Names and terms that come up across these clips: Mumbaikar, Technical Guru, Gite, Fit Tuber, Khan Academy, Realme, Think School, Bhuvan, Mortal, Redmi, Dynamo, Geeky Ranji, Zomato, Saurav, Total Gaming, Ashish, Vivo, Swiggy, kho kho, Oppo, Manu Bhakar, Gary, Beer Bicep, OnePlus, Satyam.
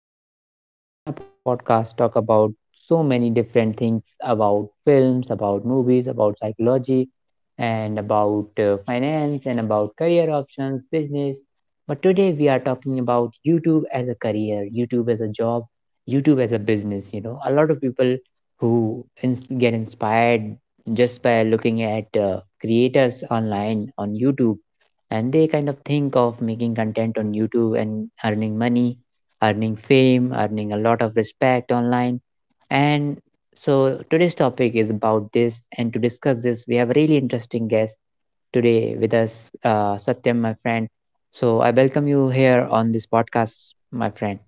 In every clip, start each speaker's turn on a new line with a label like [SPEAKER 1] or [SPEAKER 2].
[SPEAKER 1] here on my podcast talk about so many different things about films, about movies, about psychology, and about finance, and about career options, business. But today we are talking about YouTube as a career, YouTube as a job, YouTube as a business. You know, a lot of people who get inspired just by looking at creators online on YouTube, and they kind of think of making content on YouTube and earning money, earning fame, earning a lot of respect online. And so today's topic is about this, and to discuss this, we have a really interesting guest today with us, Satyam, my friend. So I welcome you here on this podcast, my friend.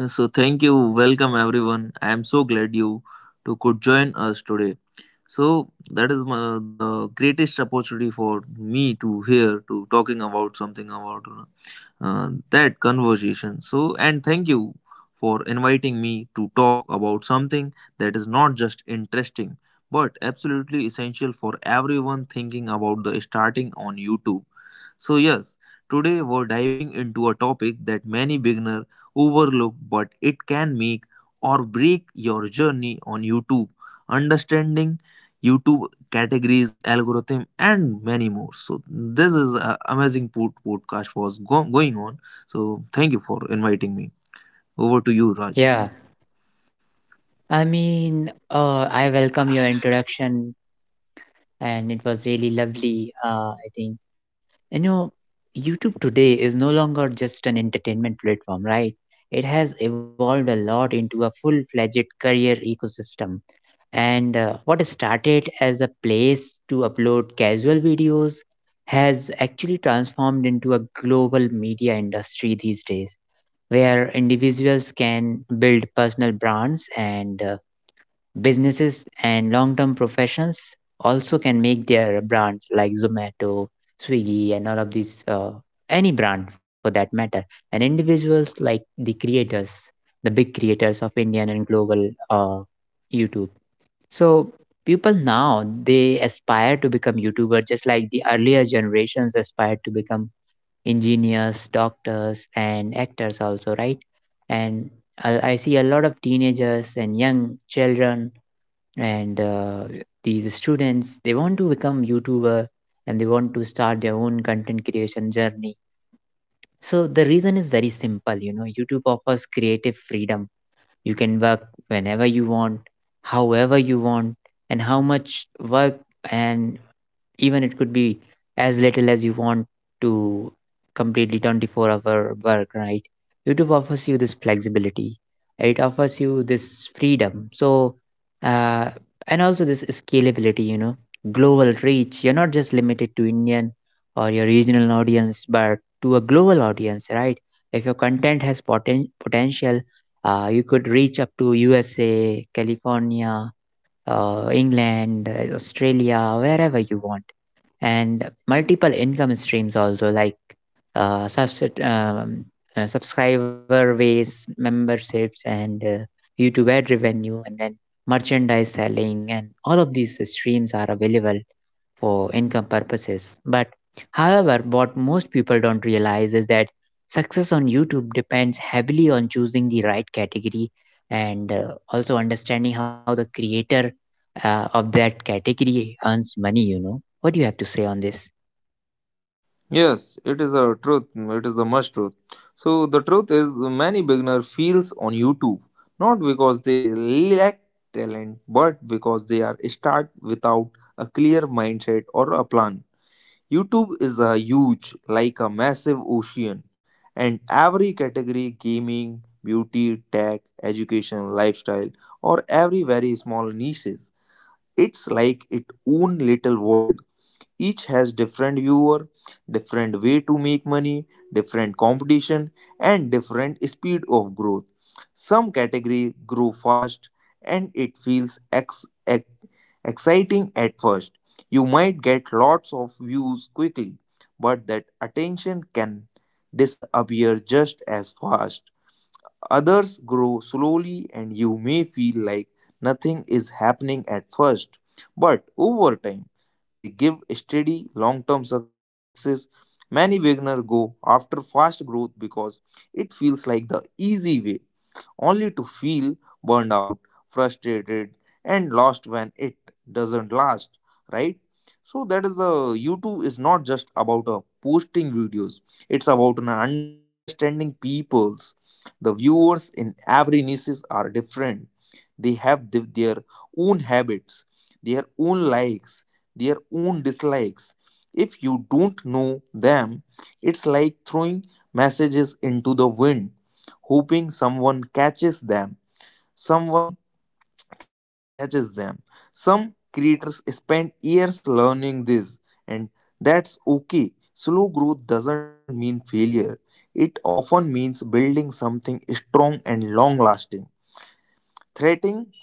[SPEAKER 2] So thank you, welcome everyone. I am so glad you to could join us today. So the greatest opportunity for me to hear to talking about something about that conversation. And thank you for inviting me to talk about something that is not just interesting but absolutely essential for everyone thinking about the starting on YouTube. So, yes, today we're diving into a topic that many beginners overlook, but it can make or break your journey on YouTube. Understanding YouTube categories, algorithm, and many more. So this is a amazing podcast going on. So thank you for inviting me. Over to you, Raj.
[SPEAKER 1] Yeah, I mean, I welcome your introduction and it was really lovely, I think. You know, YouTube today is no longer just an entertainment platform, right? It has evolved a lot into a full fledged career ecosystem. And what started as a place to upload casual videos has actually transformed into a global media industry these days, where individuals can build personal brands, and businesses and long term professions also can make their brands like Zomato, Swiggy, and all of these, any brand for that matter. And individuals like the creators, the big creators of Indian and global YouTube. So people now they aspire to become YouTuber just like the earlier generations aspired to become engineers, doctors, and actors also, right? And I see a lot of teenagers and young children, and these students they want to become youtuber, and they want to start their own content creation journey. So the reason is very simple. You know, YouTube offers creative freedom. You can work whenever you want, however you want, and how much work, and even it could be as little as you want to completely 24-hour work, right? YouTube offers you this flexibility. It offers you this freedom. So uh, and also this scalability, you know, global reach. You're not just limited to Indian or your regional audience, but to a global audience, right? If your content has potential, you could reach up to USA, California, England, Australia, wherever you want, and multiple income streams also like uh, subs- um, subscriber base, memberships, and YouTube ad revenue, and then merchandise selling, and all of these streams are available for income purposes. But however, what most people don't realize is that success on YouTube depends heavily on choosing the right category, and also understanding how the creator of that category earns money, you know. What do you have to say on this?
[SPEAKER 2] Yes, it is a truth. It is a much truth. So the truth is, many beginner fails on YouTube not because they lack talent, but because they are start without a clear mindset or a plan. YouTube is a huge, like a massive ocean, and every category gaming, beauty, tech, education, lifestyle, or every very small niches. It's like its own little world. Each has different viewer, different way to make money, different competition, and different speed of growth. Some category grow fast and it feels exciting at first. You might get lots of views quickly, but that attention can disappear just as fast. Others grow slowly, and you may feel like nothing is happening at first. But over time, they give steady long term success. Many beginners go after fast growth because it feels like the easy way only to feel burned out, frustrated, and lost when it doesn't last, right? So that is the YouTube is not just about posting videos. It's about an understanding peoples. The viewers in every niches are different, they have their own habits, their own likes, their own dislikes. If you don't know them, it's like throwing messages into the wind, hoping someone catches them. Someone catches them. Some creators spend years learning this, and that's okay. Slow growth doesn't mean failure. It often means building something strong and long lasting. Threatening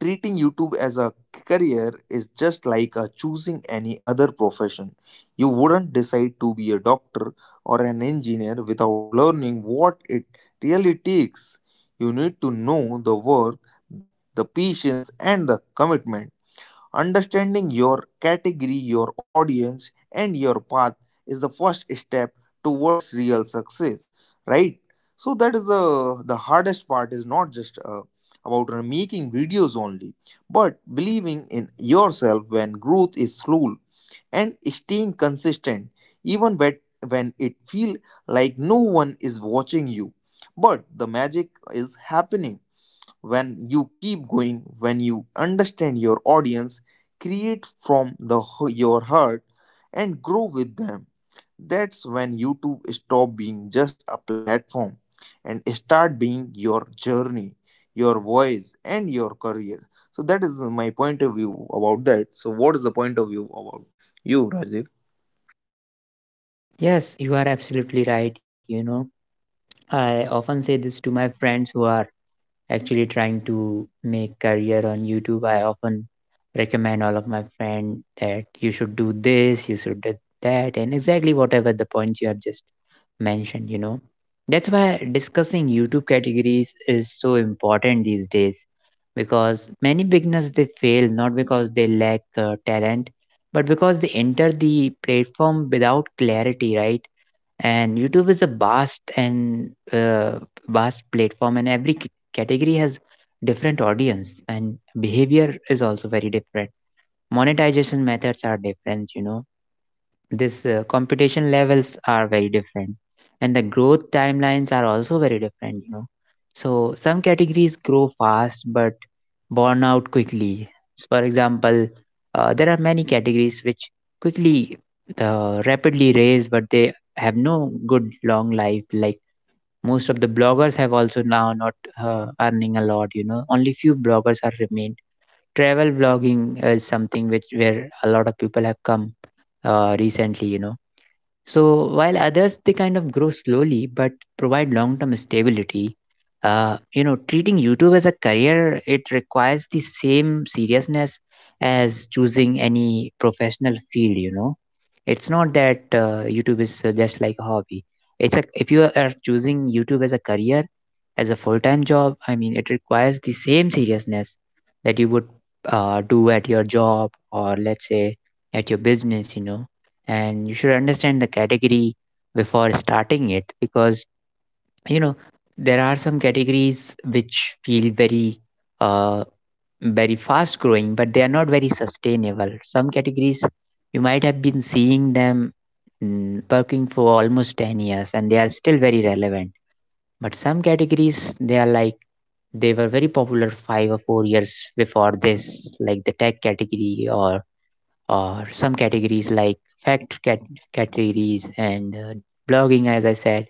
[SPEAKER 2] Treating YouTube as a career is just like choosing any other profession. You wouldn't decide to be a doctor or an engineer without learning what it really takes. You need to know the work, the patience, and the commitment. Understanding your category, your audience, and your path is the first step towards real success, right? So that is the hardest part is not just about making videos only, but believing in yourself when growth is slow and staying consistent even when it feel like no one is watching you. But the magic is happening when you keep going, when you understand your audience, create from the your heart, and grow with them. That's when YouTube stop being just a platform and start being your journey, your voice, and your career. So that is my point of view about that. So what is the point of view about you, Rajiv?
[SPEAKER 1] Yes, you are absolutely right, you know. I often say this to my friends who are actually trying to make career on YouTube. I often recommend all of my friend that you should do this, you should do that, and exactly whatever the points you have just mentioned, you know. That's why discussing YouTube categories is so important these days, because many beginners they fail not because they lack talent, but because they enter the platform without clarity, right? And YouTube is a vast and vast platform, and every category has different audience, and behavior is also very different. Monetization methods are different, you know. This competition levels are very different, and the growth timelines are also very different, you know. So some categories grow fast but burn out quickly. For example, there are many categories which quickly rapidly raise, but they have no good long life, like most of the bloggers have also now not earning a lot. You know, only few bloggers are remained. Travel blogging is something which where a lot of people have come recently, you know. So, while others they kind of grow slowly but provide long-term stability, you know, treating YouTube as a career it requires the same seriousness as choosing any professional field. You know, it's not that YouTube is just like a hobby. It's a, if you are choosing YouTube as a career, as a full-time job, I mean, it requires the same seriousness that you would do at your job, or let's say at your business. You know, and you should understand the category before starting it, because you know, there are some categories which feel very uh very fast growing, but they are not very sustainable. Some categories you might have been seeing them working for almost 10 years and they are still very relevant, but some categories they are like, they were very popular 5 or 4 years before this, like the tech category, or some categories like fact cat- categories, and blogging, as I said,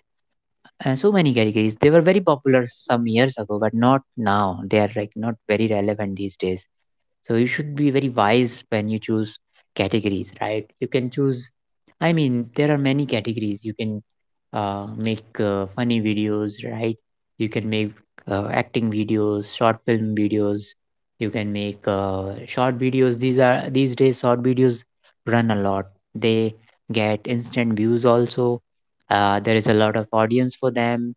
[SPEAKER 1] and so many categories. They were very popular some years ago, but not now. They are like not very relevant these days. So you should be very wise when you choose categories, right? You can choose, I mean, there are many categories. You can make funny videos, right? You can make acting videos, short film videos. You can make short videos. These are, these days short videos run a lot. They get instant views also. There is a lot of audience for them.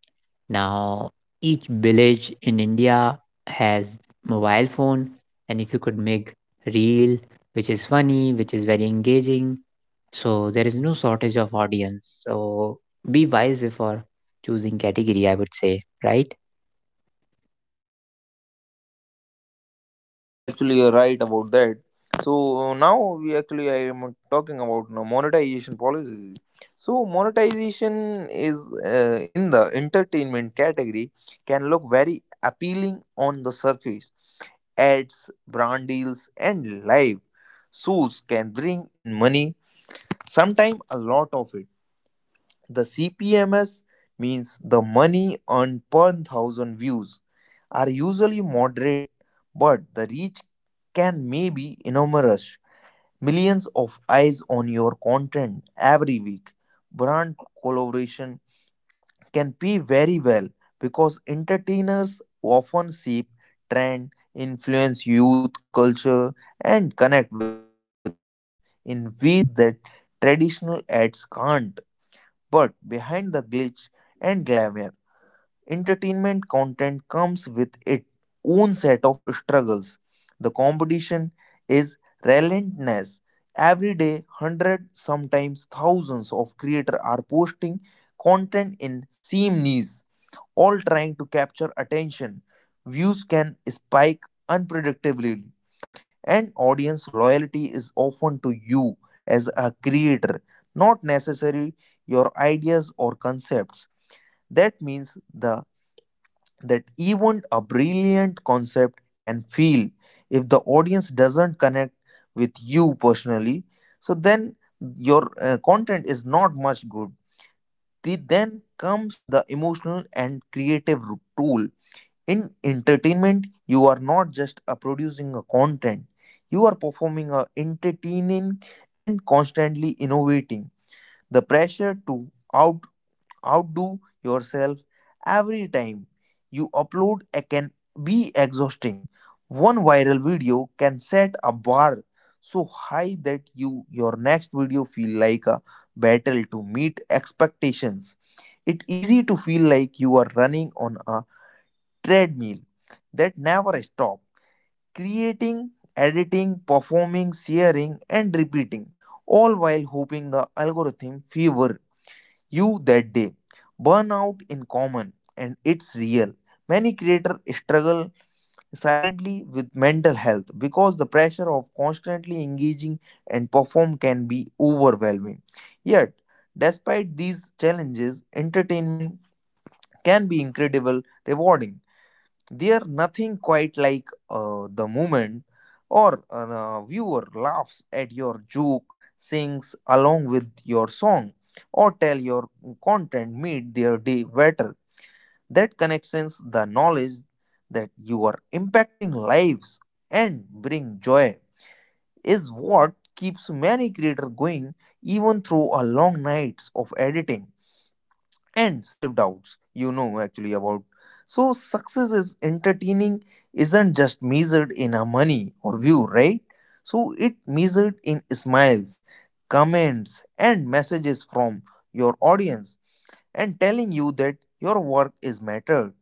[SPEAKER 1] Now, each village in India has mobile phone, and if you could make reel, which is funny, which is very engaging, so there is no shortage of audience. So be wise before choosing category, I would say, right?
[SPEAKER 2] Yes, you much actually are right about that. So now we actually I am talking about now monetization policies. So monetization is in the entertainment category can look very appealing on the surface. Ads, brand deals, and live shows can bring in money, sometimes a lot of it. The CPMS means the money earned per thousand views are usually moderate, but the reach can may be enormous. Millions of eyes on your content every week. Brand collaboration can pay very well because entertainers often shape trend, influence youth culture, and connect with the audience in ways that traditional ads can't. But behind the glitch and glamour, entertainment content comes with its own set of struggles. The competition is relentless. Every day, hundred, sometimes thousands of creators are posting content in same niche, all trying to capture attention. Views can spike unpredictably, and audience loyalty is often to you as a creator, not necessarily your ideas or concepts. That means the that even a brilliant concept can feel if the audience doesn't connect with you personally, so then your content is not much good. Then comes the emotional and creative tool. In entertainment, you are not just producing a content, you are performing a entertaining and constantly innovating. The pressure to outdo yourself every time you upload a can be exhausting. One viral video can set a bar so high that your next video feel like a battle to meet expectations. It's easy to feel like you are running on a treadmill that never stop, creating, editing, performing, sharing, and repeating, all while hoping the algorithm favor you that day. Burnout in common, and it's real. Many creators struggle silently with mental health because the pressure of constantly engaging and perform can be overwhelming. Yet, despite these challenges, entertainment can be incredible rewarding. They are nothing quite like the moment or the viewer laughs at your joke, sings along with your song, or tell your content made their day better. That connections, the knowledge that you are impacting lives and bring joy, is what keeps many creators going even through a long nights of editing and self doubts, you know actually about so success is entertaining isn't just measured in a money or view, right? So it measured in smiles, comments, and messages from your audience and telling you that your work is mattered,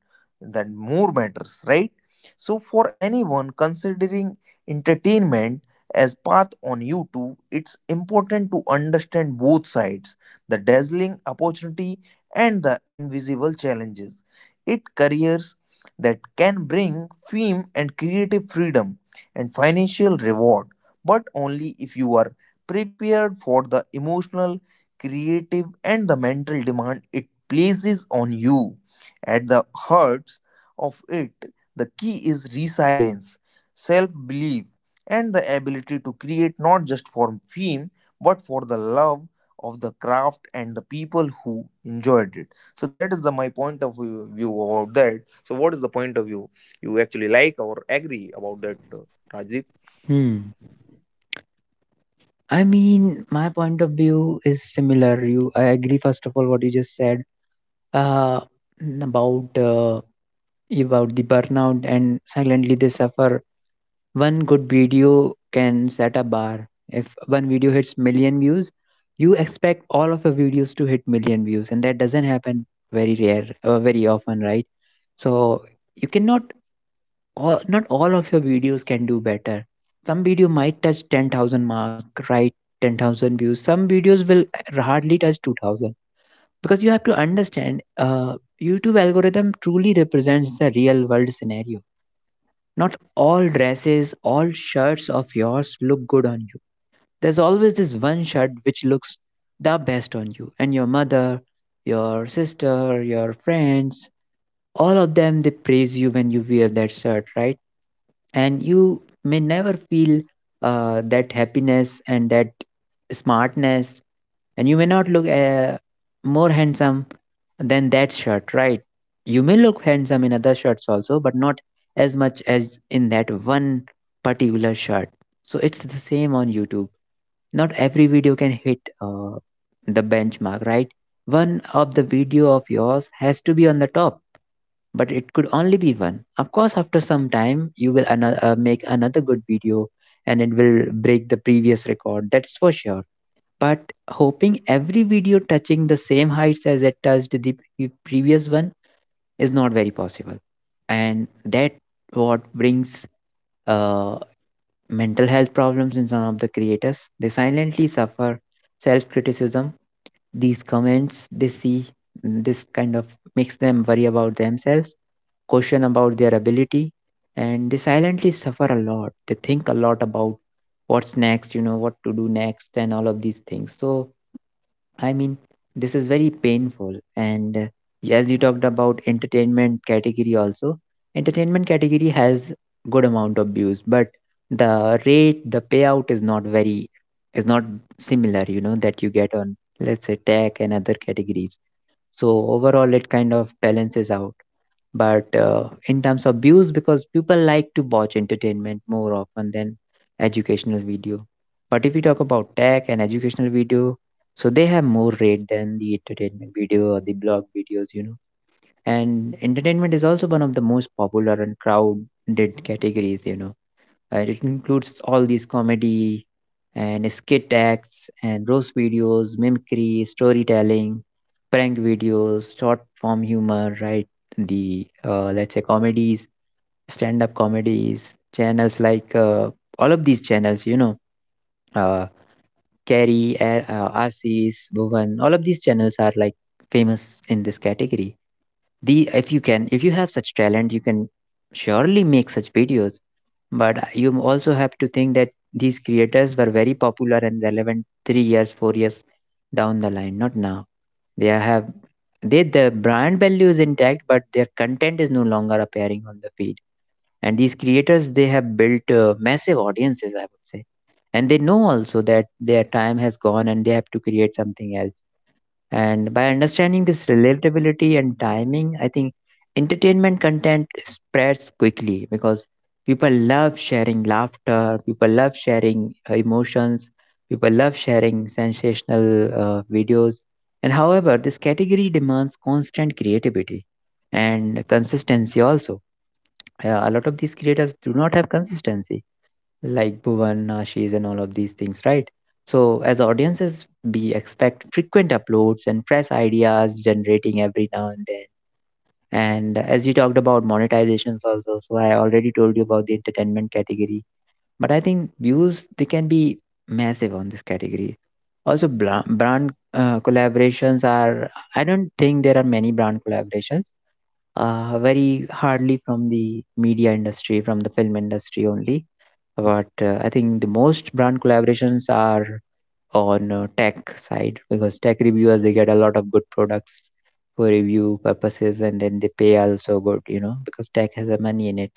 [SPEAKER 2] that more matters, right? So for anyone considering entertainment as path on YouTube, it's important to understand both sides, the dazzling opportunity and the invisible challenges. It careers that can bring fame and creative freedom and financial reward, but only if you are prepared for the emotional, creative, and the mental demand it places on you. At the heart of it, the key is resilience, self belief, and the ability to create not just for fame but for the love of the craft and the people who enjoyed it. So, that is my point of view about that. So, what is the point of view you actually like or agree about that, Rajiv?
[SPEAKER 1] Hmm. I mean, my point of view is similar. You, I agree. First of all, what you just said uh, about uh, about the burnout, and silently they suffer. One good video can set a bar. If one video hits million views, you expect all of your videos to hit million views, and that doesn't happen very rare, very often, right? So you cannot, all, not all of your videos can do better. Some video might touch 10,000 mark, right? 10,000 views. Some videos will hardly touch 2,000, because you have to understand. YouTube algorithm truly represents the real world scenario. Not all dresses, all shirts of yours look good on you. There's always this one shirt which looks the best on you. And your mother, your sister, your friends, all of them, they praise you when you wear that shirt, right? And you may never feel that happiness and that smartness, and you may not look more handsome than that shirt, right? You may look handsome in other shirts also, but not as much as in that one particular shirt. So it's the same on YouTube. Not every video can hit the benchmark, right? One of the video of yours has to be on the top, but it could only be one. Of course, after some time, you will make another good video, and it will break the previous record. That's for sure. But hoping every video touching the same heights as it touched the previous one is not very possible, and that what brings uh, mental health problems in some of the creators. They silently suffer self-criticism. These comments they see, this kind of makes them worry about themselves, question about their ability, and they silently suffer a lot. They think a lot about what's next, you know, what to do next and all of these things. So I mean, this is very painful. And as you talked about entertainment category also, entertainment category has good amount of views, but the rate, the payout is not very, is not similar, you know, that you get on, let's say, tech and other categories. So overall, it kind of balances out, but in terms of views, because people like to watch entertainment more often than educational video. But if we talk about tech and educational video, so they have more rate than the entertainment video or the blog videos, you know. And entertainment is also one of the most popular and crowded categories, you know. It includes all these comedy and skit acts and roast videos, mimicry, storytelling, prank videos, short form humor, right? The let's say comedies, stand up comedies, channels like all of these channels, you know, uh, Carrie, Asis, Bhuvan, all of these channels are like famous in this category. The if you can, if you have such talent, you can surely make such videos, but you also have to think that these creators were very popular and relevant 3 years, 4 years down the line, not now. They have, they the brand value is intact, but their content is no longer appearing on the feed. And these creators they have built massive audiences, I would say, and they know also that their time has gone, and they have to create something else. And by understanding this relatability and timing, I think entertainment content spreads quickly because people love sharing laughter, people love sharing emotions, people love sharing sensational videos. And however, this category demands constant creativity and consistency also. A lot of these creators do not have consistency like Bhuvan, Ashish, and all of these things, right? So, as audiences, we expect frequent uploads and fresh ideas generating every now and then. And as you talked about monetizations also, so I already told you about the entertainment category. But I think views, they can be massive on this category. Also, brand collaborations are, I don't think there are many brand collaborations, very hardly from the media industry, from the film industry only, but I think the most brand collaborations are on tech side, because tech reviewers they get a lot of good products for review purposes and then they pay also good, you know, because tech has a money in it.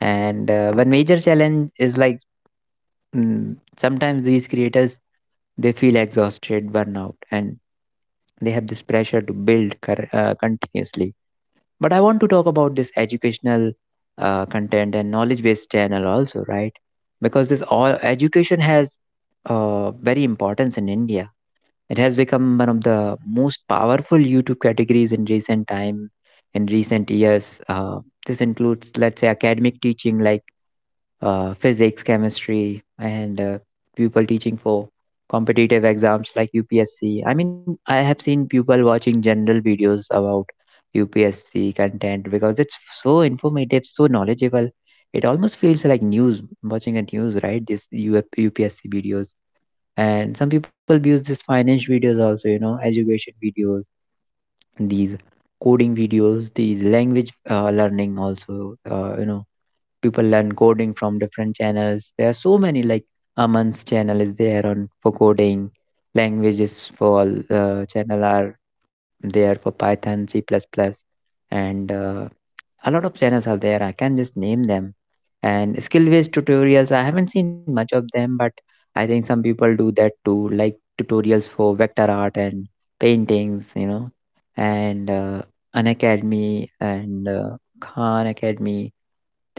[SPEAKER 1] And One major challenge is like, mm, sometimes these creators, they feel exhausted, burnout, and they have this pressure to build continuously. But I want to talk about this educational content and knowledge based channel also, right? Because this all education has very importance in India. It has become one of the most powerful YouTube categories in recent time, in recent years. This includes, let's say, academic teaching like physics, chemistry, and people teaching for competitive exams like UPSC. I mean, I have seen people watching general videos about UPSC content because it's so informative, so knowledgeable. It almost feels like news, watching a news, right? This UF UPSC videos. And some people use these finance videos also, you know, education videos, these coding videos, these language learning also, you know, people learn coding from different channels. There are so many, like Aman's channel is there on for coding languages, for channel are there for Python C++ and a lot of channels are there, I can just name them. And skill based tutorials, I haven't seen much of them, but I think some people do that too, like tutorials for vector art and paintings, you know. And uh, an academy and Khan Academy,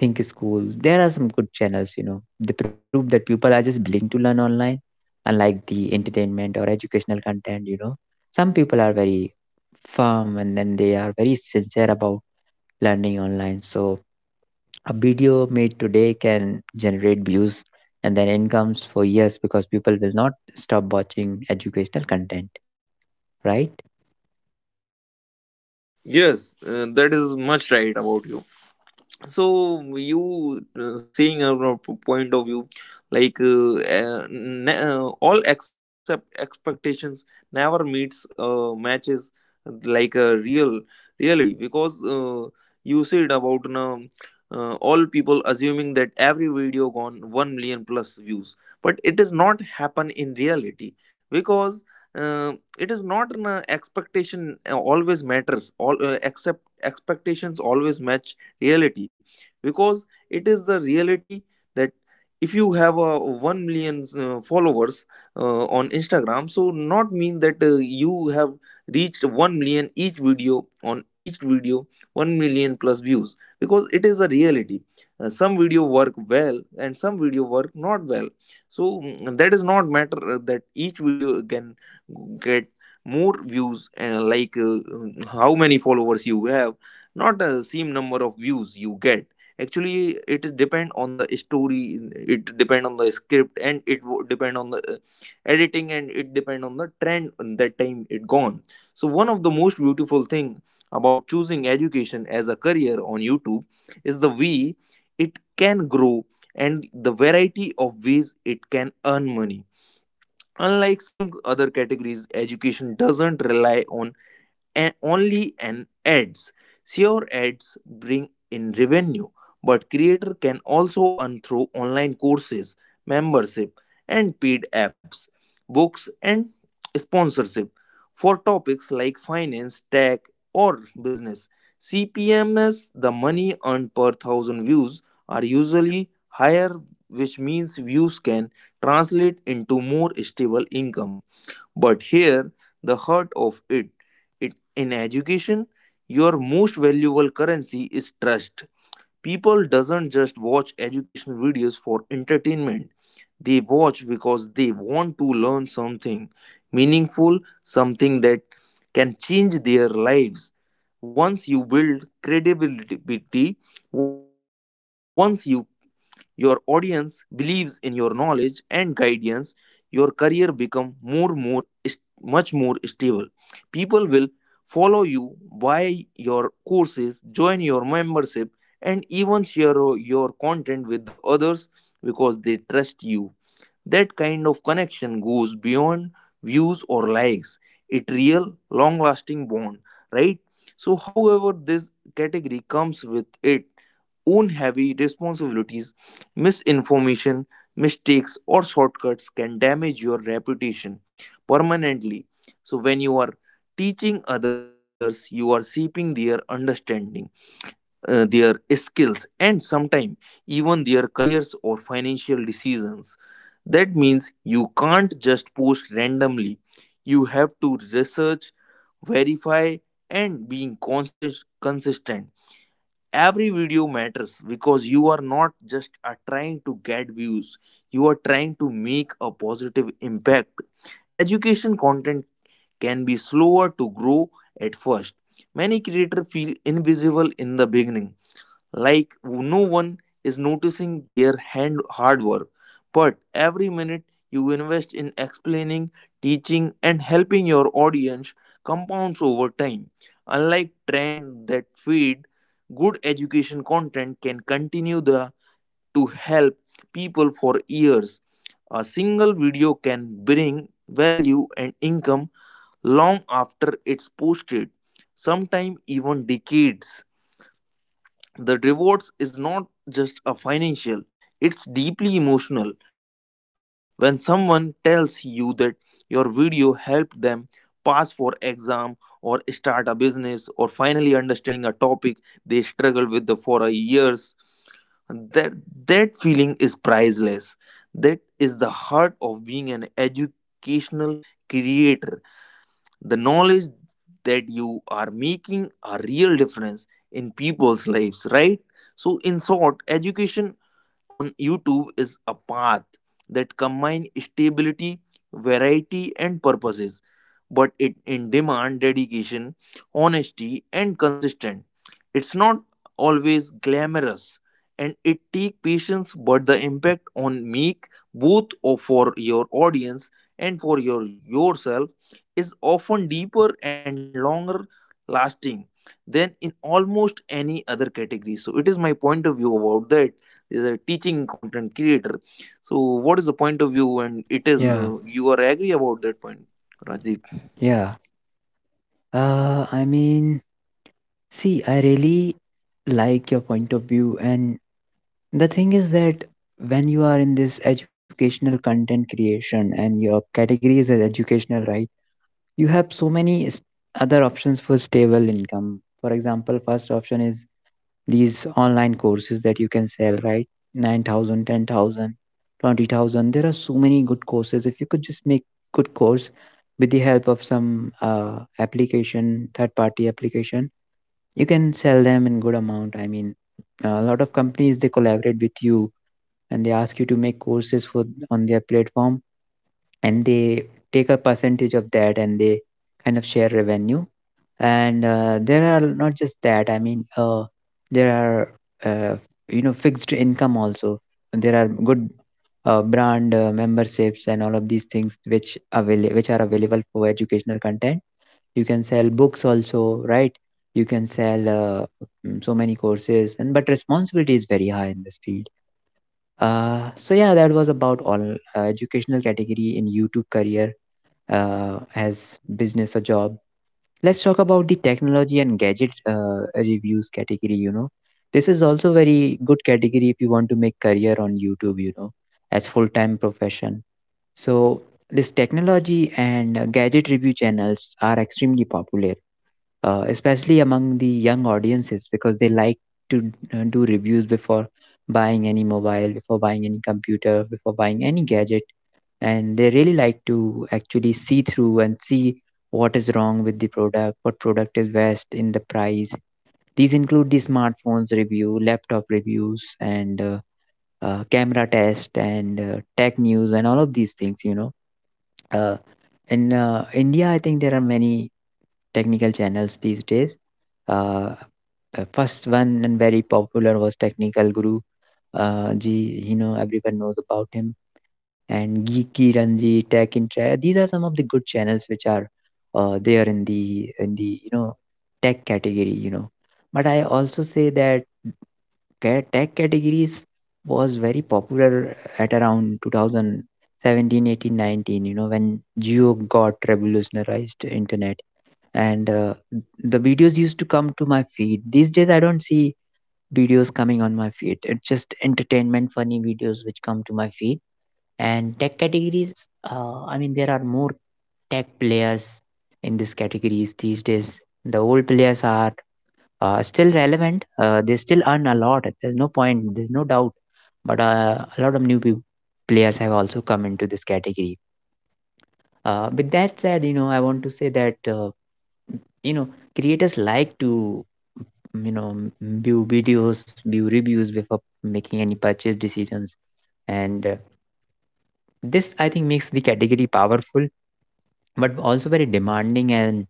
[SPEAKER 1] Think School. There are some good channels, you know. They prove that people are just willing to learn online, unlike the entertainment or educational content, you know. Some people are very firm, and then they are very sincere about learning online. So a video made today can generate views and then incomes for years, because people will not stop watching educational content, right?
[SPEAKER 2] Yes, that is much right about you. So you seeing a point of view like all except expectations never meets matches like a reality, because you said about all people assuming that every video gone 1 million plus views but it does not happen in reality because uh, it is not an expectation always matters all except expectations always match reality because it is the reality that if you have a 1 million followers on Instagram, so not mean that you have reached 1 million each video on each video 1 million plus views because it is a reality. Some video work well and some video work not well, so that is not matter that each video can get more views, and like how many followers you have not a same number of views you get. Actually it is depend on the story, it depend on the script, and it depend on the editing, and it depend on the trend on that time it gone. So one of the most beautiful thing about choosing education as a career on YouTube is the way it can grow and the variety of ways it can earn money. Unlike some other categories, education doesn't rely on and only an ads. Sure, ads bring in revenue, but creator can also earn through online courses, membership, and paid apps, books, and sponsorship. For topics like finance, tech, or business, CPMS, the money earned per thousand views, are usually higher, which means views can translate into more stable income. But here, the heart of it, it in education, your most valuable currency is trust. People doesn't just watch educational videos for entertainment. They watch because they want to learn something meaningful, something that can change their lives. Once you build credibility, once you your audience believes in your knowledge and guidance, your career become more is- much more stable. People will follow you, buy your courses, join your membership, and even share your content with the others because they trust you. That kind of connection goes beyond views or likes. It real long lasting bond, right? So however this category comes with it own heavy responsibilities. Misinformation, mistakes, or shortcuts can damage your reputation permanently. So when you are teaching others, you are seeping their understanding, their skills, and sometimes even their careers or financial decisions. That means you can't just post randomly. You have to research, verify, and being consistent. Every video matters because you are not just trying to get views, you are trying to make a positive impact. Education content can be slower to grow at first. Many creators feel invisible in the beginning, like no one is noticing their hand hard work, but every minute you invest in explaining, teaching, and helping your audience compounds over time. Unlike trends that feed, good education content can continue the to help people for years. A single video can bring value and income long after it's posted, sometimes even decades. The rewards is not just a financial, it's deeply emotional. When someone tells you that your video helped them pass for exam, or start a business, or finally understanding a topic they struggle with the for a years, that that feeling is priceless. That is the heart of being an educational creator, the knowledge that you are making a real difference in people's lives, right? So in short, education on YouTube is a path that combines stability, variety, and purposes, but it in demand dedication, honesty, and consistent. It's not always glamorous, and it take patience, but the impact on make for your audience and for yourself is often deeper and longer lasting than in almost any other category. So it is my point of view about that is a teaching content creator. So what is the point of view, and it is
[SPEAKER 1] Yeah.
[SPEAKER 2] you are agree about that point, rajiv?
[SPEAKER 1] Yeah. I mean, see, I really like your point of view. And The thing is that when you are in this educational content creation and your category is as educational, right? You have so many other options for stable income. For example, first option is these online courses that you can sell, right? 9,000, 10,000, 20,000. There are so many good courses. If you could just make good course with the help of some application, third party application, you can sell them in good amount. I mean, a lot of companies they collaborate with you, and they ask you to make courses for on their platform, and they take a percentage of that and they kind of share revenue. And There are not just that, I mean, there are uh, you know, fixed income also. There are good brand memberships and all of these things which which are available for educational content. You can sell books also, right? You can sell so many courses, and but responsibility is very high in this field. So yeah, that was about all educational category in YouTube career, as business or job. Let's talk about the technology and gadget reviews category. You know, this is also very good category if you want to make career on YouTube. You know, as full time profession. So this technology and gadget review channels are extremely popular, especially among the young audiences, because they like to do reviews before buying any mobile, before buying any computer, before buying any gadget. And they really like to actually see through and see what is wrong with the product, what product is best in the price. These include the smartphones review, laptop reviews, and camera test, and tech news, and all of these things, you know. Uh, in India, I think there are many technical channels these days. Uh, first one and very popular was Technical Guru. Ji, you know, everyone knows about him. And Geeky Ranji, these are some of the good channels which are there in the you know, tech category. You know, but I also say that tech categories was very popular at around 2017, 18, 19. You know, when Geo got revolutionized internet and the videos used to come to my feed. These days I don't see videos coming on my feed, it's just entertainment funny videos which come to my feed. And tech categories, I mean, there are more tech players in these categories these days. The old players are still relevant, they still earn a lot, there's no point, there's no doubt. But a lot of new peop players have also come into this category. With that said, you know, I want to say that, you know, creators like to, you know, view videos, view reviews before making any purchase decisions. And This, I think, makes the category powerful, but also very demanding. And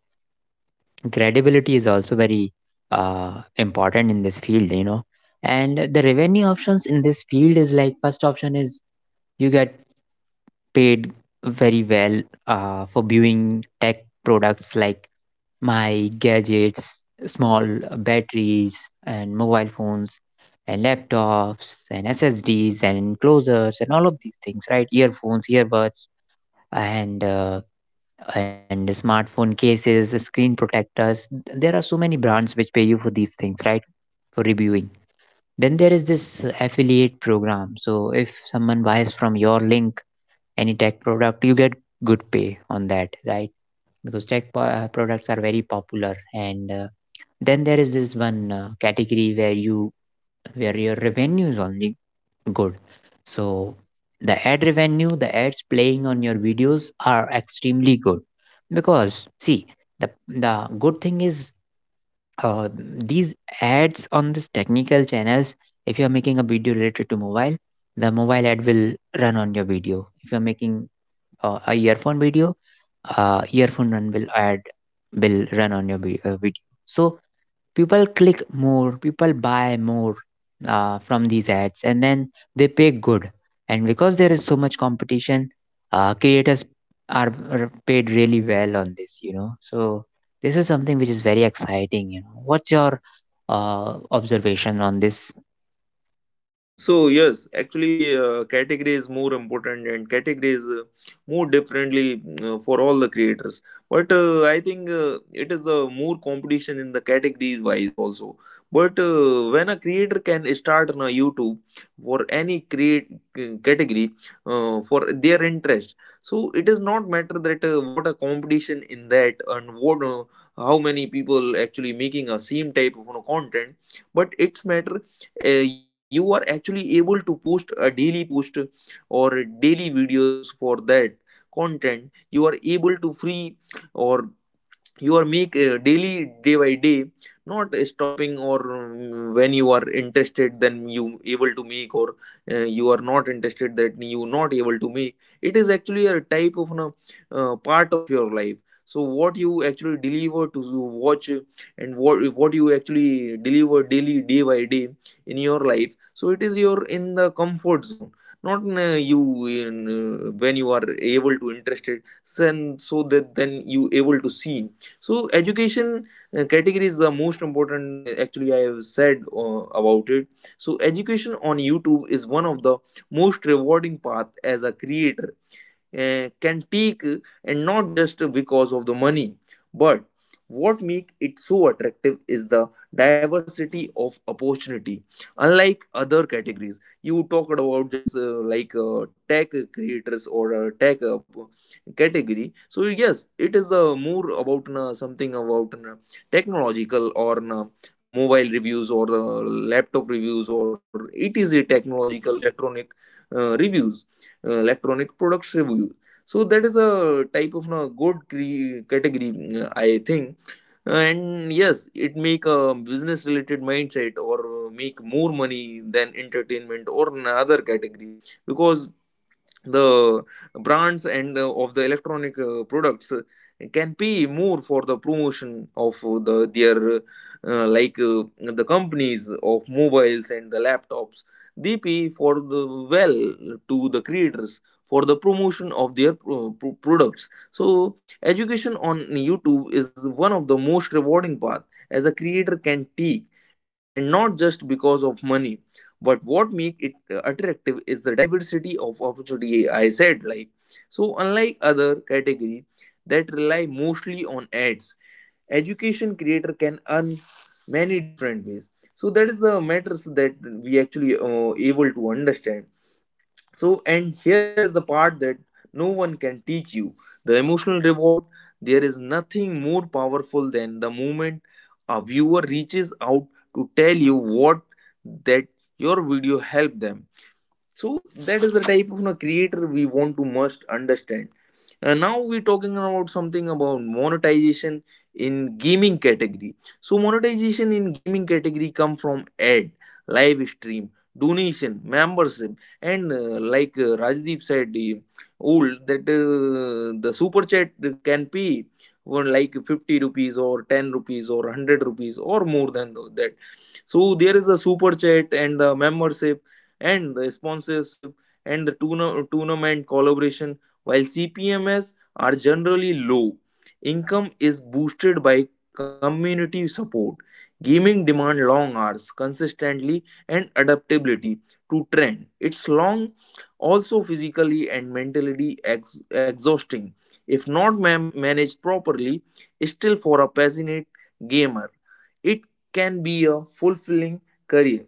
[SPEAKER 1] credibility is also very important in this field, you know. And the revenue options in this field is, like, first option is you get paid very well for viewing tech products like my gadgets, small batteries, and mobile phones, and laptops, and SSDs, and closers, and all of these things, right? Earphones, earbuds, and uh, and smartphone cases, screen protectors. There are so many brands which pay you for these things, right? For reviewing. Then there is this affiliate program. So if someone buys from your link any tech product, you get good pay on that, right? Because tech products are very popular and then there is this one category where you where your revenue is only good. So the ad revenue, the ads playing on your videos are extremely good, because see, the good thing is, these ads on this technical channels. If you are making a video related to mobile, the mobile ad will run on your video. If you are making a earphone video, earphone run will ad will run on your video. So people click more, people buy more from these ads, and then they pay good, and because there is so much competition, creators are paid really well on this, you know. So this is something which is very exciting, you know. What's your observation on this?
[SPEAKER 2] So yes, actually, category is more important, and category is more differently for all the creators. But I think it is more competition in the category wise also. But when a creator can start on a YouTube for any category for their interest, so it is not matter that what a competition in that, and what how many people actually making a same type of content, but it's matter you are actually able to post a daily post or daily videos for that content you are able to free, or you are make daily day by day, not stopping, or when you are interested then you able to make, or you are not interested that you not able to make, it is actually a type of a part of your life. So what you actually deliver to you watch, and what you actually deliver daily day by day in your life, so it is your in the comfort zone, not you in, when you are able to interested, then so that then you able to see. So education category is the most important, actually I have said about it. So education on YouTube is one of the most rewarding path as a creator can take, and not just because of the money, but what make it so attractive is the diversity of opportunity, unlike other categories you talked about, just like tech creators or tech category. So yes, it is more about something about technological, or mobile reviews, or laptop reviews, or it is a technological electronic reviews, electronic products review. So that is a type of no good category, I think. And yes, it make a business related mindset, or make more money than entertainment or another category, because the brands and of the electronic products can pay more for the promotion of the their, like the companies of mobiles and the laptops, they pay for the well to the creators for the promotion of their products. So education on YouTube is one of the most rewarding path as a creator can take, and not just because of money, but what make it attractive is the diversity of opportunity, I said, like. So unlike other category that rely mostly on ads, education creator can earn many different ways. So that is the matters that we actually able to understand. So, and here is the part that no one can teach you, the emotional reward. There is nothing more powerful than the moment a viewer reaches out to tell you what that your video helped them. So, that is the type of creator we want to must understand. Now we're talking about something about monetization in gaming category. So monetization in gaming category come from ad, live stream, donation, membership, and like Rajdeep said, old that the super chat can pay for like 50 rupees or 10 rupees or 100 rupees or more than that. So there is a super chat and the membership and the sponsorship and the tournament collaboration. While CPMs are generally low, income is boosted by community support. Gaming demand long hours, consistently, and adaptability to trend. It's long, also physically and mentally exhausting, if not managed properly. Still, for a passionate gamer, it can be a fulfilling career.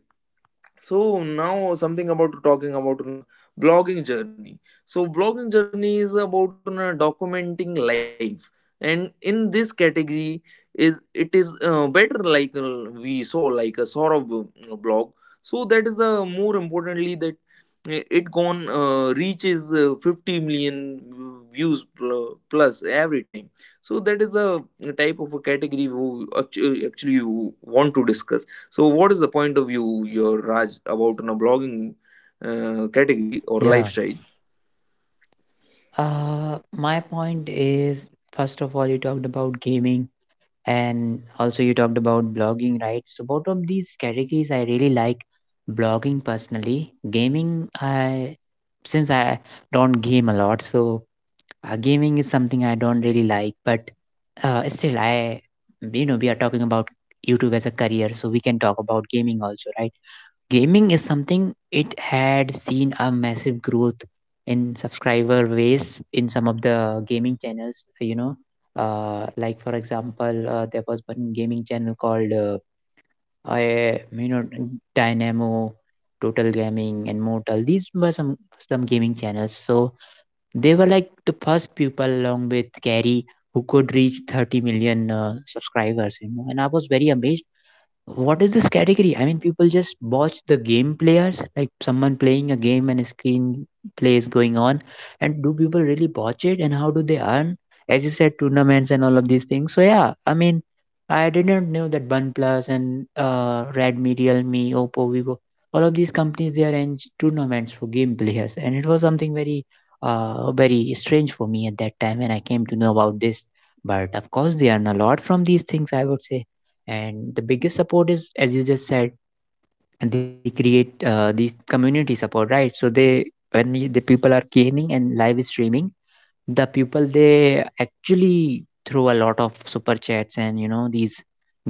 [SPEAKER 2] So now, something about talking about blogging journey. So blogging journey is about documenting life, and in this category is it is better, like we saw like a sort of blog. So that is more importantly that it gone reaches 50 million views plus every time. So that is a type of a category who actually you want to discuss. So, what is the point of view your Raj about blogging category or
[SPEAKER 1] Yeah.
[SPEAKER 2] lifestyle?
[SPEAKER 1] My point is, first of all, you talked about gaming, and also you talked about blogging, right? So both of these categories I really like. Blogging personally, gaming I since I don't game a lot, so gaming is something I don't really like, but still I you know, we are talking about YouTube as a career, so we can talk about gaming also, right? Gaming is something it had seen a massive growth in subscriber base in some of the gaming channels, you know. Like for example, there was one gaming channel called I, you know Dynamo, Total Gaming, and Mortal. These were some gaming channels. So they were like the first people along with Gary who could reach 30 million subscribers, you know. And I was very amazed, what is this category? I mean, people just watch the game players, like someone playing a game and a screen play is going on. And do people really watch it? And how do they earn? As you said, tournaments and all of these things. So yeah, I mean, I didn't know that OnePlus and Redmi, Realme, Oppo, Vivo, all of these companies they arrange tournaments for game players, and it was something very, very strange for me at that time when I came to know about this. But of course, they earn a lot from these things, I would say, and the biggest support is, as you just said, they create these community support, right? So they when the people are gaming and live streaming, the people, they actually throw a lot of super chats and these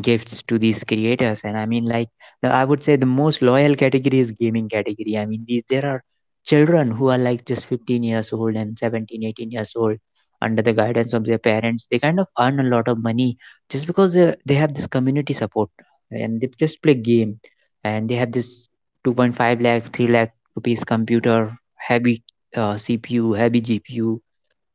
[SPEAKER 1] gifts to these creators. And I mean, like, I would say the most loyal category is gaming category. I mean, these there are children who are like just 15 years old and 17, 18 years old. Under the guidance of their parents, they kind of earn a lot of money just because they have this community support and they just play game. And they have this 2.5 lakh 3 lakh rupees computer, heavy CPU, heavy GPU,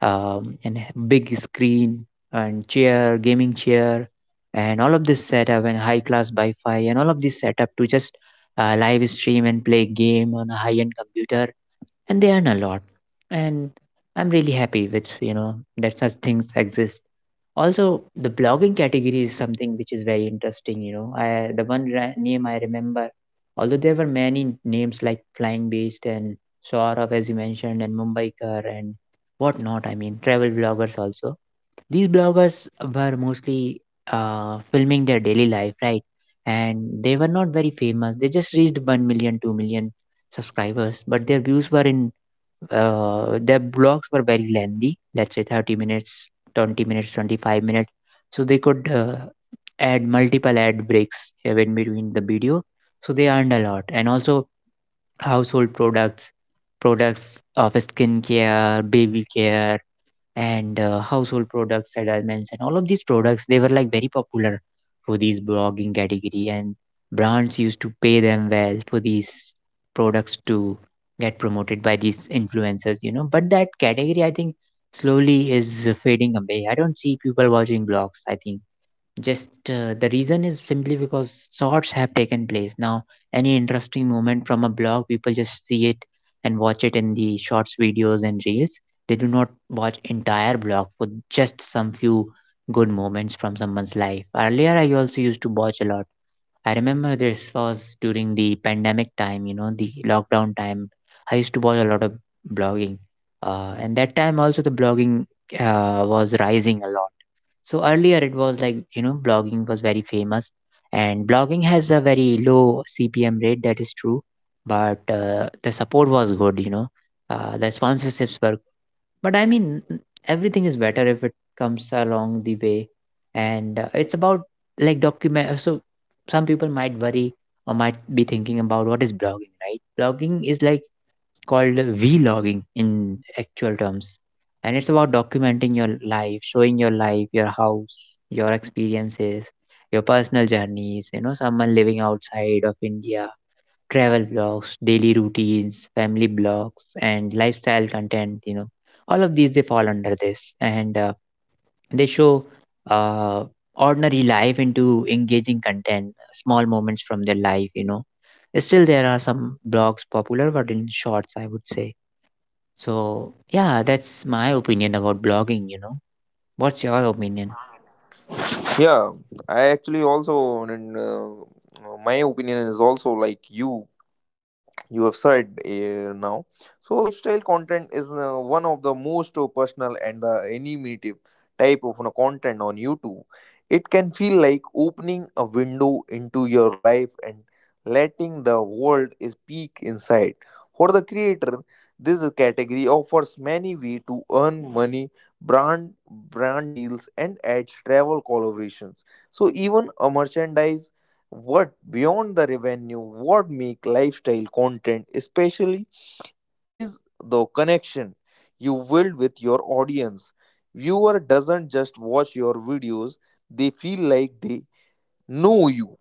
[SPEAKER 1] and h- big screen, and chair, gaming chair, and all of this setup and high class Wi-Fi and all of this setup to just live stream and play game on a high-end computer, and they earn a lot. And I'm really happy with you know that such things exist. Also, the blogging category is something which is very interesting, the one name I remember, although there were many names like Flying Beast and Saurav, as you mentioned, and Mumbaikar and whatnot. I mean, travel bloggers also, these bloggers were mostly filming their daily life, right? And they were not very famous, they just reached 1 million, 2 million subscribers, but their views were in, their blogs were very lengthy, let's say 30 minutes, 20 minutes, 25 minutes, so they could add multiple ad breaks here in between the video. So they earned a lot. And also household products, products of skincare, baby care, and household products settlements and all of these products, they were like very popular for these blogging category. And brands used to pay them well for these products to get promoted by these influencers, you know. But that category, I think, slowly is fading away. I don't see people watching blogs. I think just the reason is simply because sorts have taken place. Now, any interesting moment from a blog, people just see it and watch it in the shorts videos and reels. They do not watch entire blog for just some few good moments from someone's life. Earlier, I also used to watch a lot. I remember this was during the pandemic time, you know, the lockdown time. I used to watch a lot of blogging. And that time also the blogging was rising a lot. So earlier it was like, you know, blogging was very famous, and blogging has a very low CPM rate, that is true, but the support was good, you know, the sponsorships were, but I mean, everything is better if it comes along the way. And it's about like document. So some people might worry or might be thinking about what is blogging, right? Blogging is like called vlogging in actual terms, and it's about documenting your life, showing your life, your house, your experiences, your personal journeys, you know, someone living outside of India, travel blogs, daily routines, family blogs, and lifestyle content, you know, all of these they fall under this. And they show uh, ordinary life into engaging content, small moments from their life, you know. Still there are some blogs popular, but in shorts, I would say. So, yeah, that's my opinion about blogging, you know. What's your opinion?
[SPEAKER 2] Yeah, I actually also, and my opinion is also like you. You have said now. So lifestyle content is one of the most personal and the animative type of content on YouTube. It can feel like opening a window into your life and letting the world is peek inside. For the creator, this category offers many ways to earn money: brand deals and ads, travel collaborations, so even a merchandise. What beyond the revenue, what make lifestyle content especially is the connection you build with your audience. Viewer doesn't just watch your videos, they feel like they know you.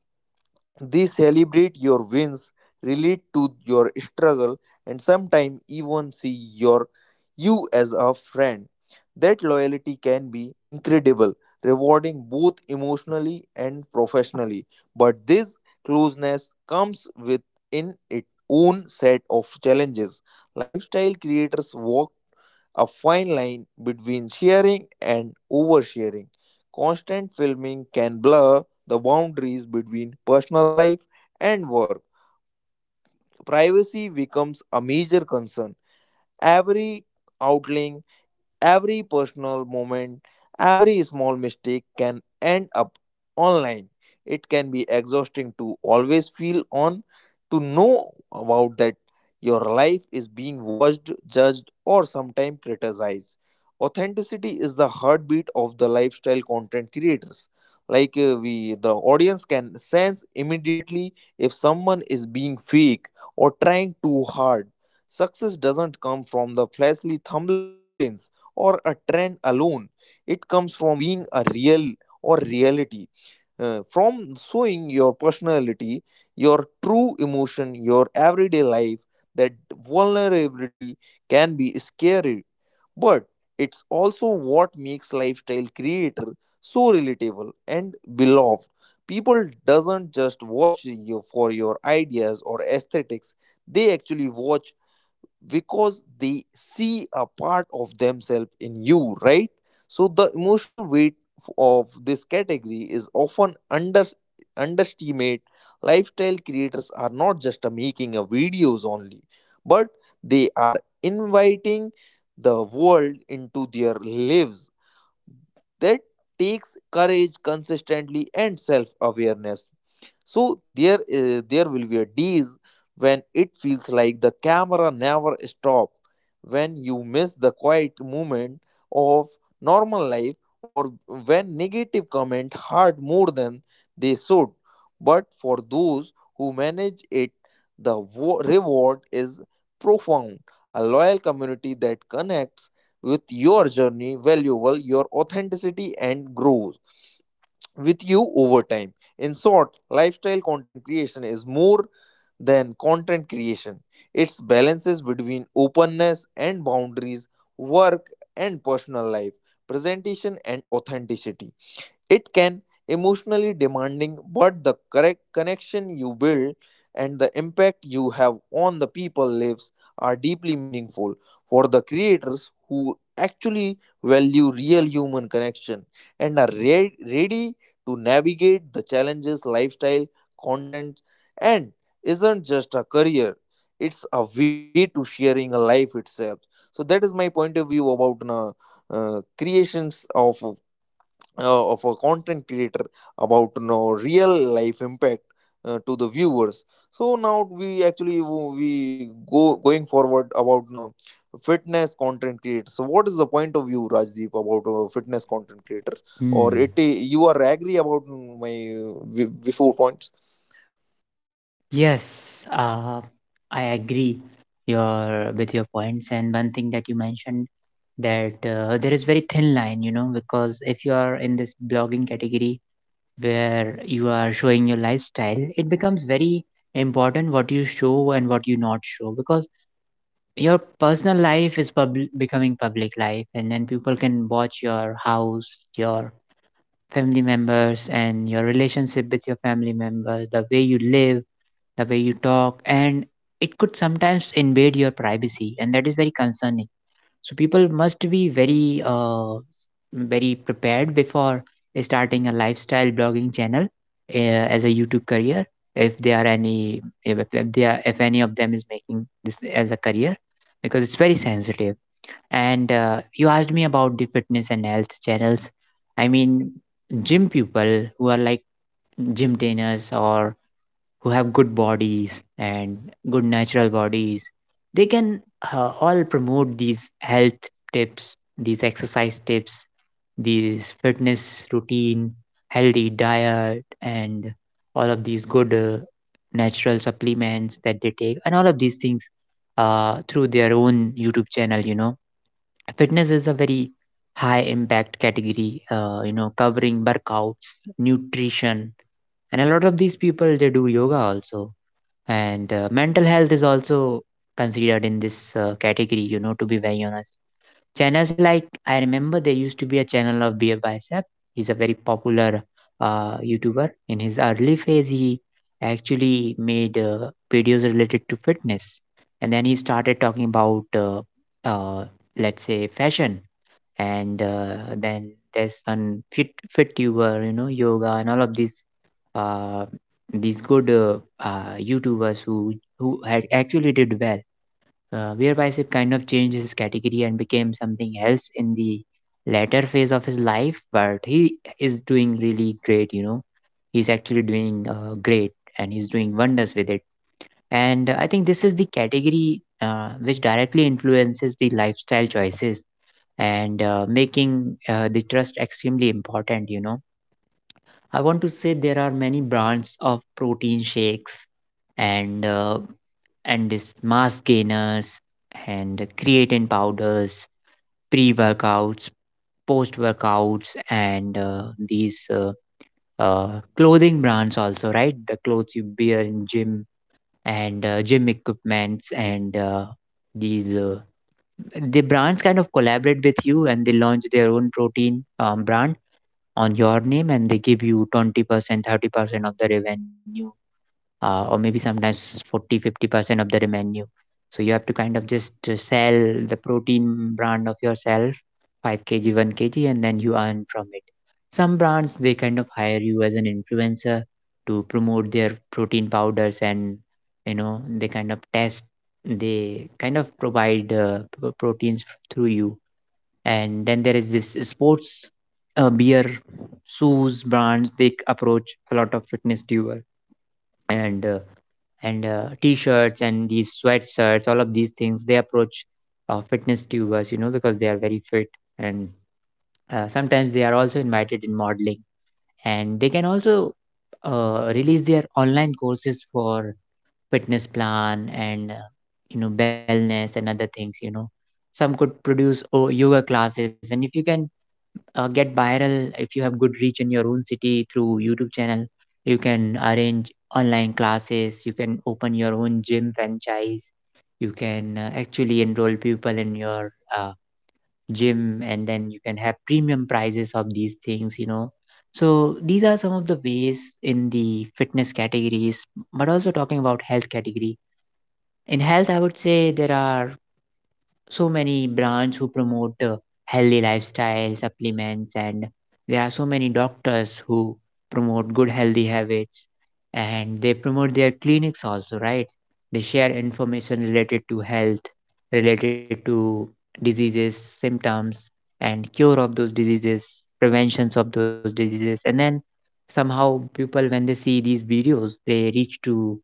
[SPEAKER 2] They celebrate your wins, relate to your struggle, and sometimes even see you as a friend. That loyalty can be incredible, rewarding both emotionally and professionally. But this closeness comes with in its own set of challenges. Lifestyle creators walk a fine line between sharing and oversharing. Constant filming can blur the boundaries between personal life and work. Privacy becomes a major concern. Every outlaying Every personal moment, every small mistake can end up online. It can be exhausting to always feel on, to know about that your life is being watched, judged, or sometimes criticized. Authenticity is the heartbeat of the lifestyle content creators. Like we, the audience can sense immediately if someone is being fake or trying too hard. Success doesn't come from the flashy thumbnails or a trend alone. It comes from being a real or reality, from showing your personality, your true emotion, your everyday life. That vulnerability can be scary, but it's also what makes lifestyle creator so relatable and beloved. People doesn't just watch you for your ideas or aesthetics; they actually watch because they see a part of themselves in you, right? So the emotional weight of this category is often under underestimate. Lifestyle creators are not just making a videos only, but they are inviting the world into their lives. That takes courage, consistently, and self-awareness. So there will be a days when it feels like the camera never stops, when you miss the quiet moment of normal life, or when negative comment hurt more than they should. But for those who manage it, the reward is profound. A loyal community that connects with your journey, valuable your authenticity and grows with you over time. In short, lifestyle content creation is more than content creation. It's balances between openness and boundaries, work and personal life, presentation and authenticity. It can emotionally demanding, but the correct connection you build and the impact you have on the people lives are deeply meaningful for the creators who actually value real human connection and are ready to navigate the challenges lifestyle content, and isn't just a career, it's a way to sharing a life itself. So that is my point of view about creations of a content creator about real life impact to the viewers. So now we actually, we go going forward about fitness content creator. So what is the point of view, rajdeep, about fitness content creator, or
[SPEAKER 1] Hmm.
[SPEAKER 2] it, you are agree about my before points?
[SPEAKER 1] Yes, I agree your with your points. And one thing that you mentioned, that there is very thin line, you know, because if you are in this blogging category where you are showing your lifestyle, it becomes very important what you show and what you not show, because your personal life is becoming public life, and then people can watch your house, your family members and your relationship with your family members, the way you live, the way you talk, and it could sometimes invade your privacy, and that is very concerning. So people must be very, very prepared before starting a lifestyle blogging channel as a YouTube career. If they are any, if they are, if any of them is making this as a career, because it's very sensitive. And you asked me about the fitness and health channels. I mean, gym people who are like gym trainers or who have good bodies and good natural bodies, they can all promote these health tips, these exercise tips, these fitness routine, healthy diet, and all of these good natural supplements that they take, and all of these things through their own YouTube channel, you know. Fitness is a very high impact category, you know, covering workouts, nutrition, and a lot of these people they do yoga also. And mental health is also considered in this category, you know, to be very honest. Channels like, I remember there used to be a channel of Beer Bicep. He's a very popular YouTuber. In his early phase, he actually made videos related to fitness, and then he started talking about uh, let's say fashion. And then there's one fit tuber, you know, yoga and all of uh, these good YouTubers who had actually did well. Uh, where Bicep kind of changed his category and became something else in the latter phase of his life, but he is doing really great, you know. He's actually doing great, and he's doing wonders with it. And I think this is the category which directly influences the lifestyle choices and making the trust extremely important, you know. I want to say there are many brands of protein shakes, and this mass gainers and creatine powders, pre workouts, post workouts, and these clothing brands also, right? The clothes you wear in gym, and gym equipments, and these uh, the brands kind of collaborate with you, and they launch their own protein brand on your name, and they give you 20% 30% of the revenue, or maybe sometimes 40, 50% of the revenue. So you have to kind of just sell the protein brand of yourself, 5 kg, 1 kg, and then you earn from it. Some brands, they kind of hire you as an influencer to promote their protein powders, and you know, they kind of test, they kind of provide proteins through you. And then there is this sports beer shoes brands, they approach a lot of fitness doer. And t-shirts and these sweatshirts, all of these things, they approach fitness doers, you know, because they are very fit. And sometimes they are also invited in modeling, and they can also release their online courses for fitness plan, and you know, wellness and other things, you know. Some could produce oh, yoga classes. And if you can get viral, if you have good reach in your own city through YouTube channel, you can arrange online classes, you can open your own gym franchise, you can actually enroll people in your gym, and then you can have premium prices of these things, you know. So these are some of the ways in the fitness categories. But also talking about health category, in health I would say there are so many brands who promote healthy lifestyle supplements. And there are so many doctors who promote good healthy habits, and they promote their clinics also, right? They share information related to health, related to diseases, symptoms, and cure of those diseases, preventions of those diseases. And then somehow people, when they see these videos, they reach to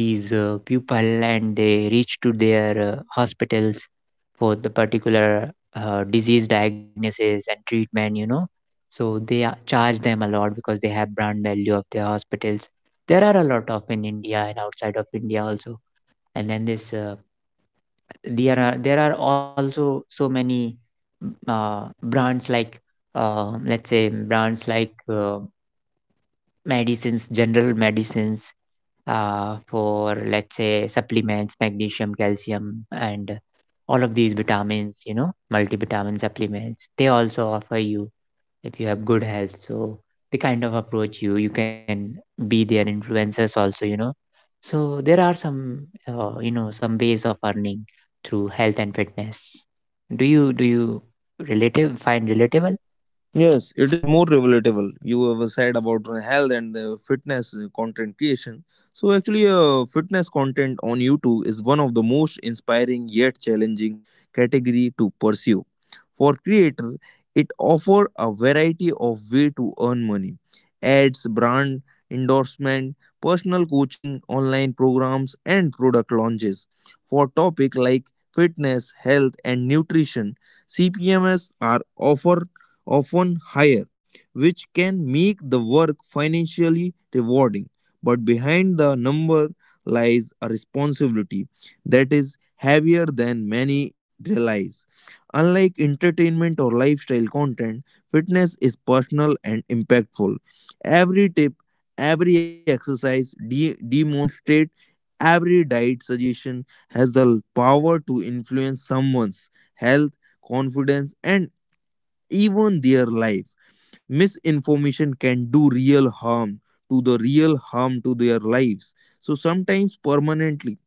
[SPEAKER 1] these people, and they reach to their hospitals for the particular disease diagnosis and treatment, you know. So they are, charge them a lot because they have brand value of their hospitals. There are a lot of in India and outside of India also. And then this, there are also so many brands like, let's say brands like, medicines, general medicines, for let's say supplements, magnesium, calcium, and all of these vitamins, you know, multivitamin supplements. They also offer you if you have good health. So they kind of approach you. You can be their influencers also, you know. So there are some, you know, some ways of earning through health and fitness. Do you relative find relatable?
[SPEAKER 2] Yes, it is more relatable. You have said about health and the fitness content creation. So actually, fitness content on YouTube is one of the most inspiring yet challenging category to pursue. For creator, it offer a variety of way to earn money: ads, brand endorsement, personal coaching, online programs, and product launches. For topic like fitness, health, and nutrition, CPMs are offer often higher, which can make the work financially rewarding. But behind the number lies a responsibility that is heavier than many realize. Unlike entertainment or lifestyle content, fitness is personal and impactful. Every tip, every exercise, demonstrate, every diet suggestion has the power to influence someone's health, confidence, and even their life. Misinformation can do real harm to the real harm to their lives, so sometimes permanently.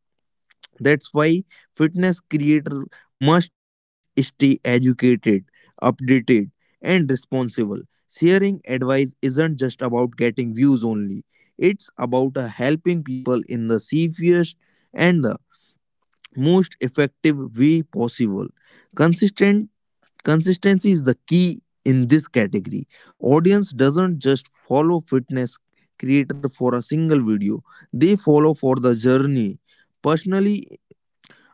[SPEAKER 2] That's why fitness creator must stay educated, updated, and responsible. Sharing advice isn't just about getting views only, it's about helping people in the safest and the most effective way possible. Consistent Consistency is the key in this category. Audience doesn't just follow fitness creator for a single video. They follow for the journey. Personally,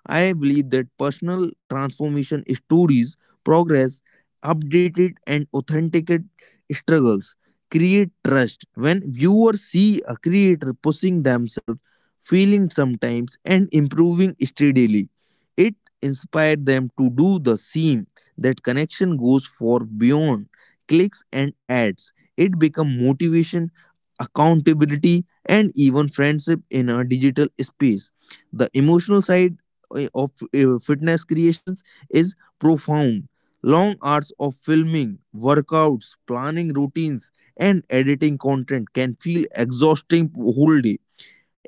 [SPEAKER 2] I believe that personal transformation stories, progress, updated and authenticated struggles create trust. When viewers see a creator pushing themselves, feeling sometimes, and improving steadily, it inspired them to do the same. That connection goes far beyond clicks and ads. It becomes motivation, accountability, and even friendship in a digital space. The emotional side of fitness creations is profound. Long hours of filming, workouts, planning routines, and editing content can feel exhausting whole day,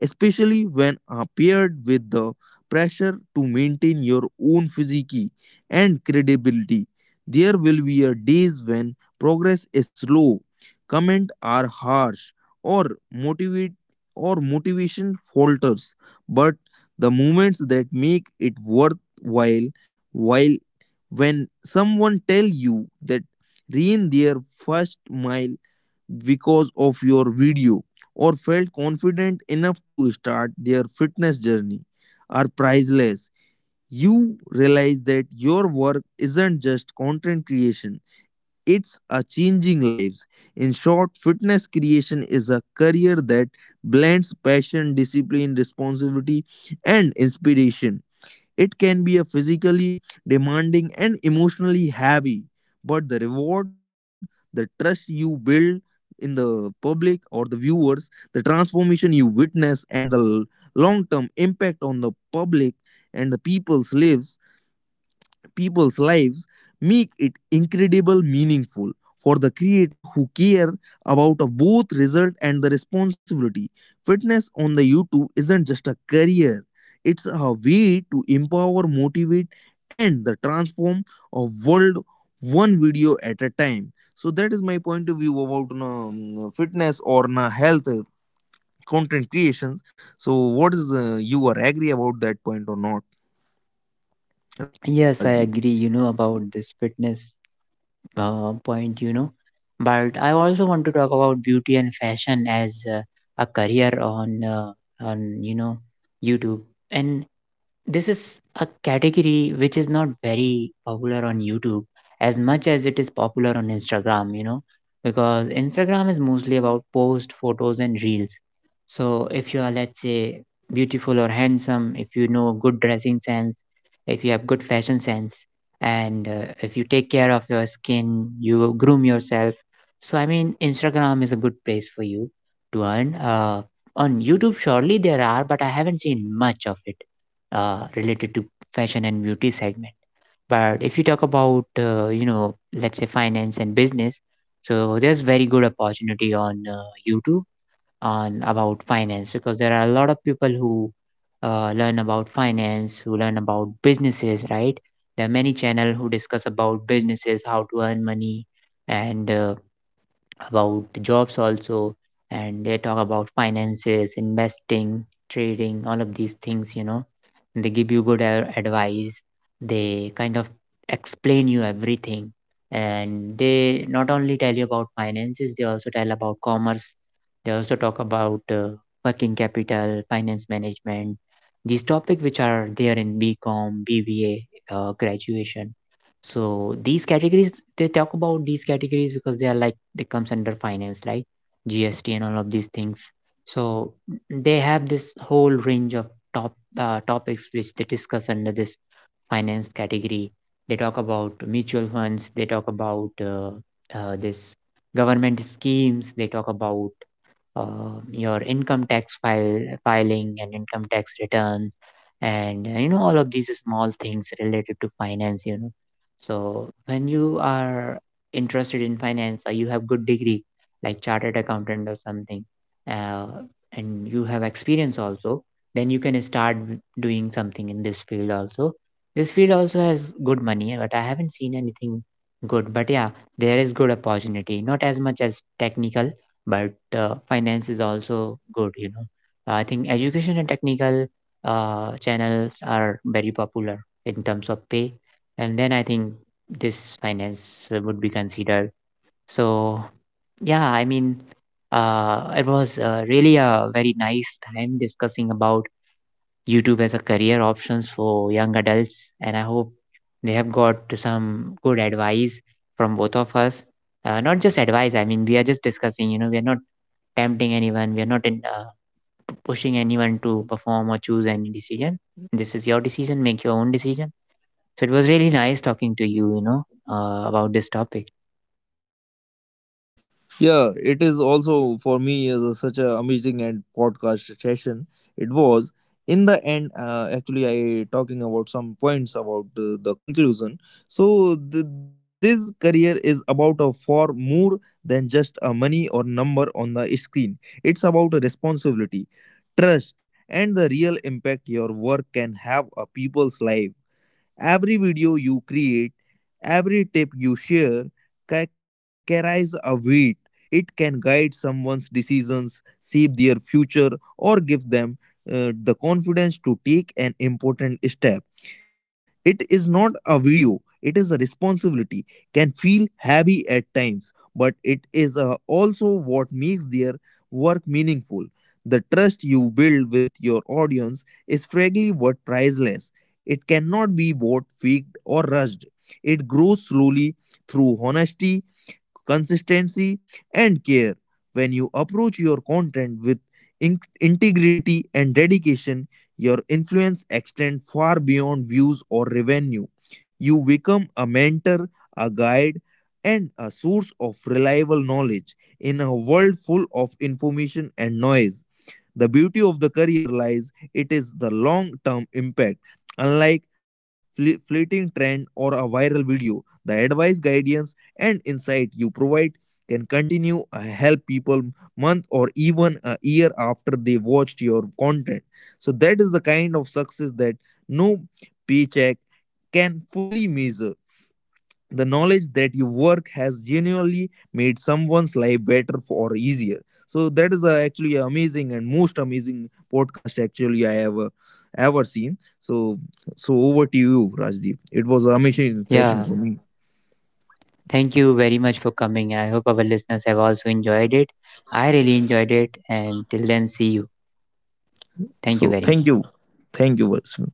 [SPEAKER 2] especially when paired with the pressure to maintain your own physique and credibility. There will be a days when progress is slow, comments are harsh, or motivate or motivation falters. But the moments that make it worthwhile, while when someone tell you that rain their first mile because of your video or felt confident enough to start their fitness journey are priceless. You realize that your work isn't just content creation, it's a changing lives. In short, fitness creation is a career that blends passion, discipline, responsibility, and inspiration. It can be a physically demanding and emotionally heavy, but the reward, the trust you build in the public or the viewers, the transformation you witness, and the long term impact on the public and the people's lives make it incredible meaningful for the creator who care about a both result and the responsibility. Fitness on the YouTube isn't just a career, it's a way to empower, motivate, and the transform a world one video at a time. So that is my point of view about fitness or health, content creations. So what is you are agree about that point or not, Rajiv?
[SPEAKER 1] Yes, I agree, you know, about this fitness point, you know. But I also want to talk about beauty and fashion as a career on you know, YouTube. And this is a category which is not very popular on YouTube as much as it is popular on Instagram, you know, because Instagram is mostly about post photos and reels. So if you are, let's say, beautiful or handsome, if you know good dressing sense, if you have good fashion sense, and if you take care of your skin, you groom yourself. So I mean, Instagram is a good place for you to earn. On YouTube, surely there are, but I haven't seen much of it related to fashion and beauty segment. But if you talk about, you know, let's say finance and business, so there's very good opportunity on YouTube on about finance, because there are a lot of people who learn about finance, who learn about businesses, right? There are many channel who discuss about businesses, how to earn money, and about jobs also, and they talk about finances, investing, trading, all of these things, you know. They give you good advice. They kind of explain you everything, and they not only tell you about finances, they also tell about commerce. They also talk about working capital finance management, these topics which are there in BCom, BBA graduation. So these categories, they talk about these categories because they are like they comes under finance like GST and all of these things. So they have this whole range of topics which they discuss under this finance category. They talk about mutual funds. They talk about this government schemes. They talk about your income tax file filing and income tax returns, and you know, all of these small things related to finance, you know. So when you are interested in finance, or you have good degree like chartered accountant or something, uh, and you have experience also, then you can start doing something in this field also. This field also has good money, but I haven't seen anything good. But yeah, there is good opportunity, not as much as technical, but finance is also good, you know. I think education and technical channels are very popular in terms of pay, and then I think this finance would be considered. So yeah, I mean, it was really a very nice time discussing about YouTube as a career options for young adults, and I hope they have got some good advice from both of us. Uh, not just advice, I mean, we are just discussing, you know, we are not tempting anyone. We are not in, pushing anyone to perform or choose any decision. This is your decision. Make your own decision. So it was really nice talking to you, you know, about this topic.
[SPEAKER 2] Yeah, it is also for me is such a amazing and podcast session. It was in the end. Actually, I talking about some points about the conclusion. So this career is about a far more than just a money or number on the screen. It's about a responsibility, trust, and the real impact your work can have a people's life. Every video you create, every tip you share carries a weight. It can guide someone's decisions, shape their future, or give them the confidence to take an important step. It is not a video, it is a responsibility, can feel heavy at times, but it is also what makes their work meaningful. The trust you build with your audience is frankly what priceless. It cannot be bought, faked, or rushed. It grows slowly through honesty, consistency, and care. When you approach your content with integrity and dedication, your influence extends far beyond views or revenue. You become a mentor, a guide, and a source of reliable knowledge in a world full of information and noise. The beauty of the career lies it is the long-term impact. Unlike fleeting trend or a viral video, the advice, guidance and insight you provide can continue help people month or even a year after they watched your content. So that is the kind of success that no paycheck can fully measure the knowledge that your work has genuinely made someone's life better or easier. So that is actually amazing and most amazing podcast actually I have ever seen. So so over to you, Rajdeep, it was an amazing session
[SPEAKER 1] Yeah,
[SPEAKER 2] for me.
[SPEAKER 1] thank you very much for coming. I hope our listeners have also enjoyed it. I really enjoyed it. And till then, see you. Thank you
[SPEAKER 2] So
[SPEAKER 1] very
[SPEAKER 2] thank
[SPEAKER 1] much.
[SPEAKER 2] you, thank you, Vasu.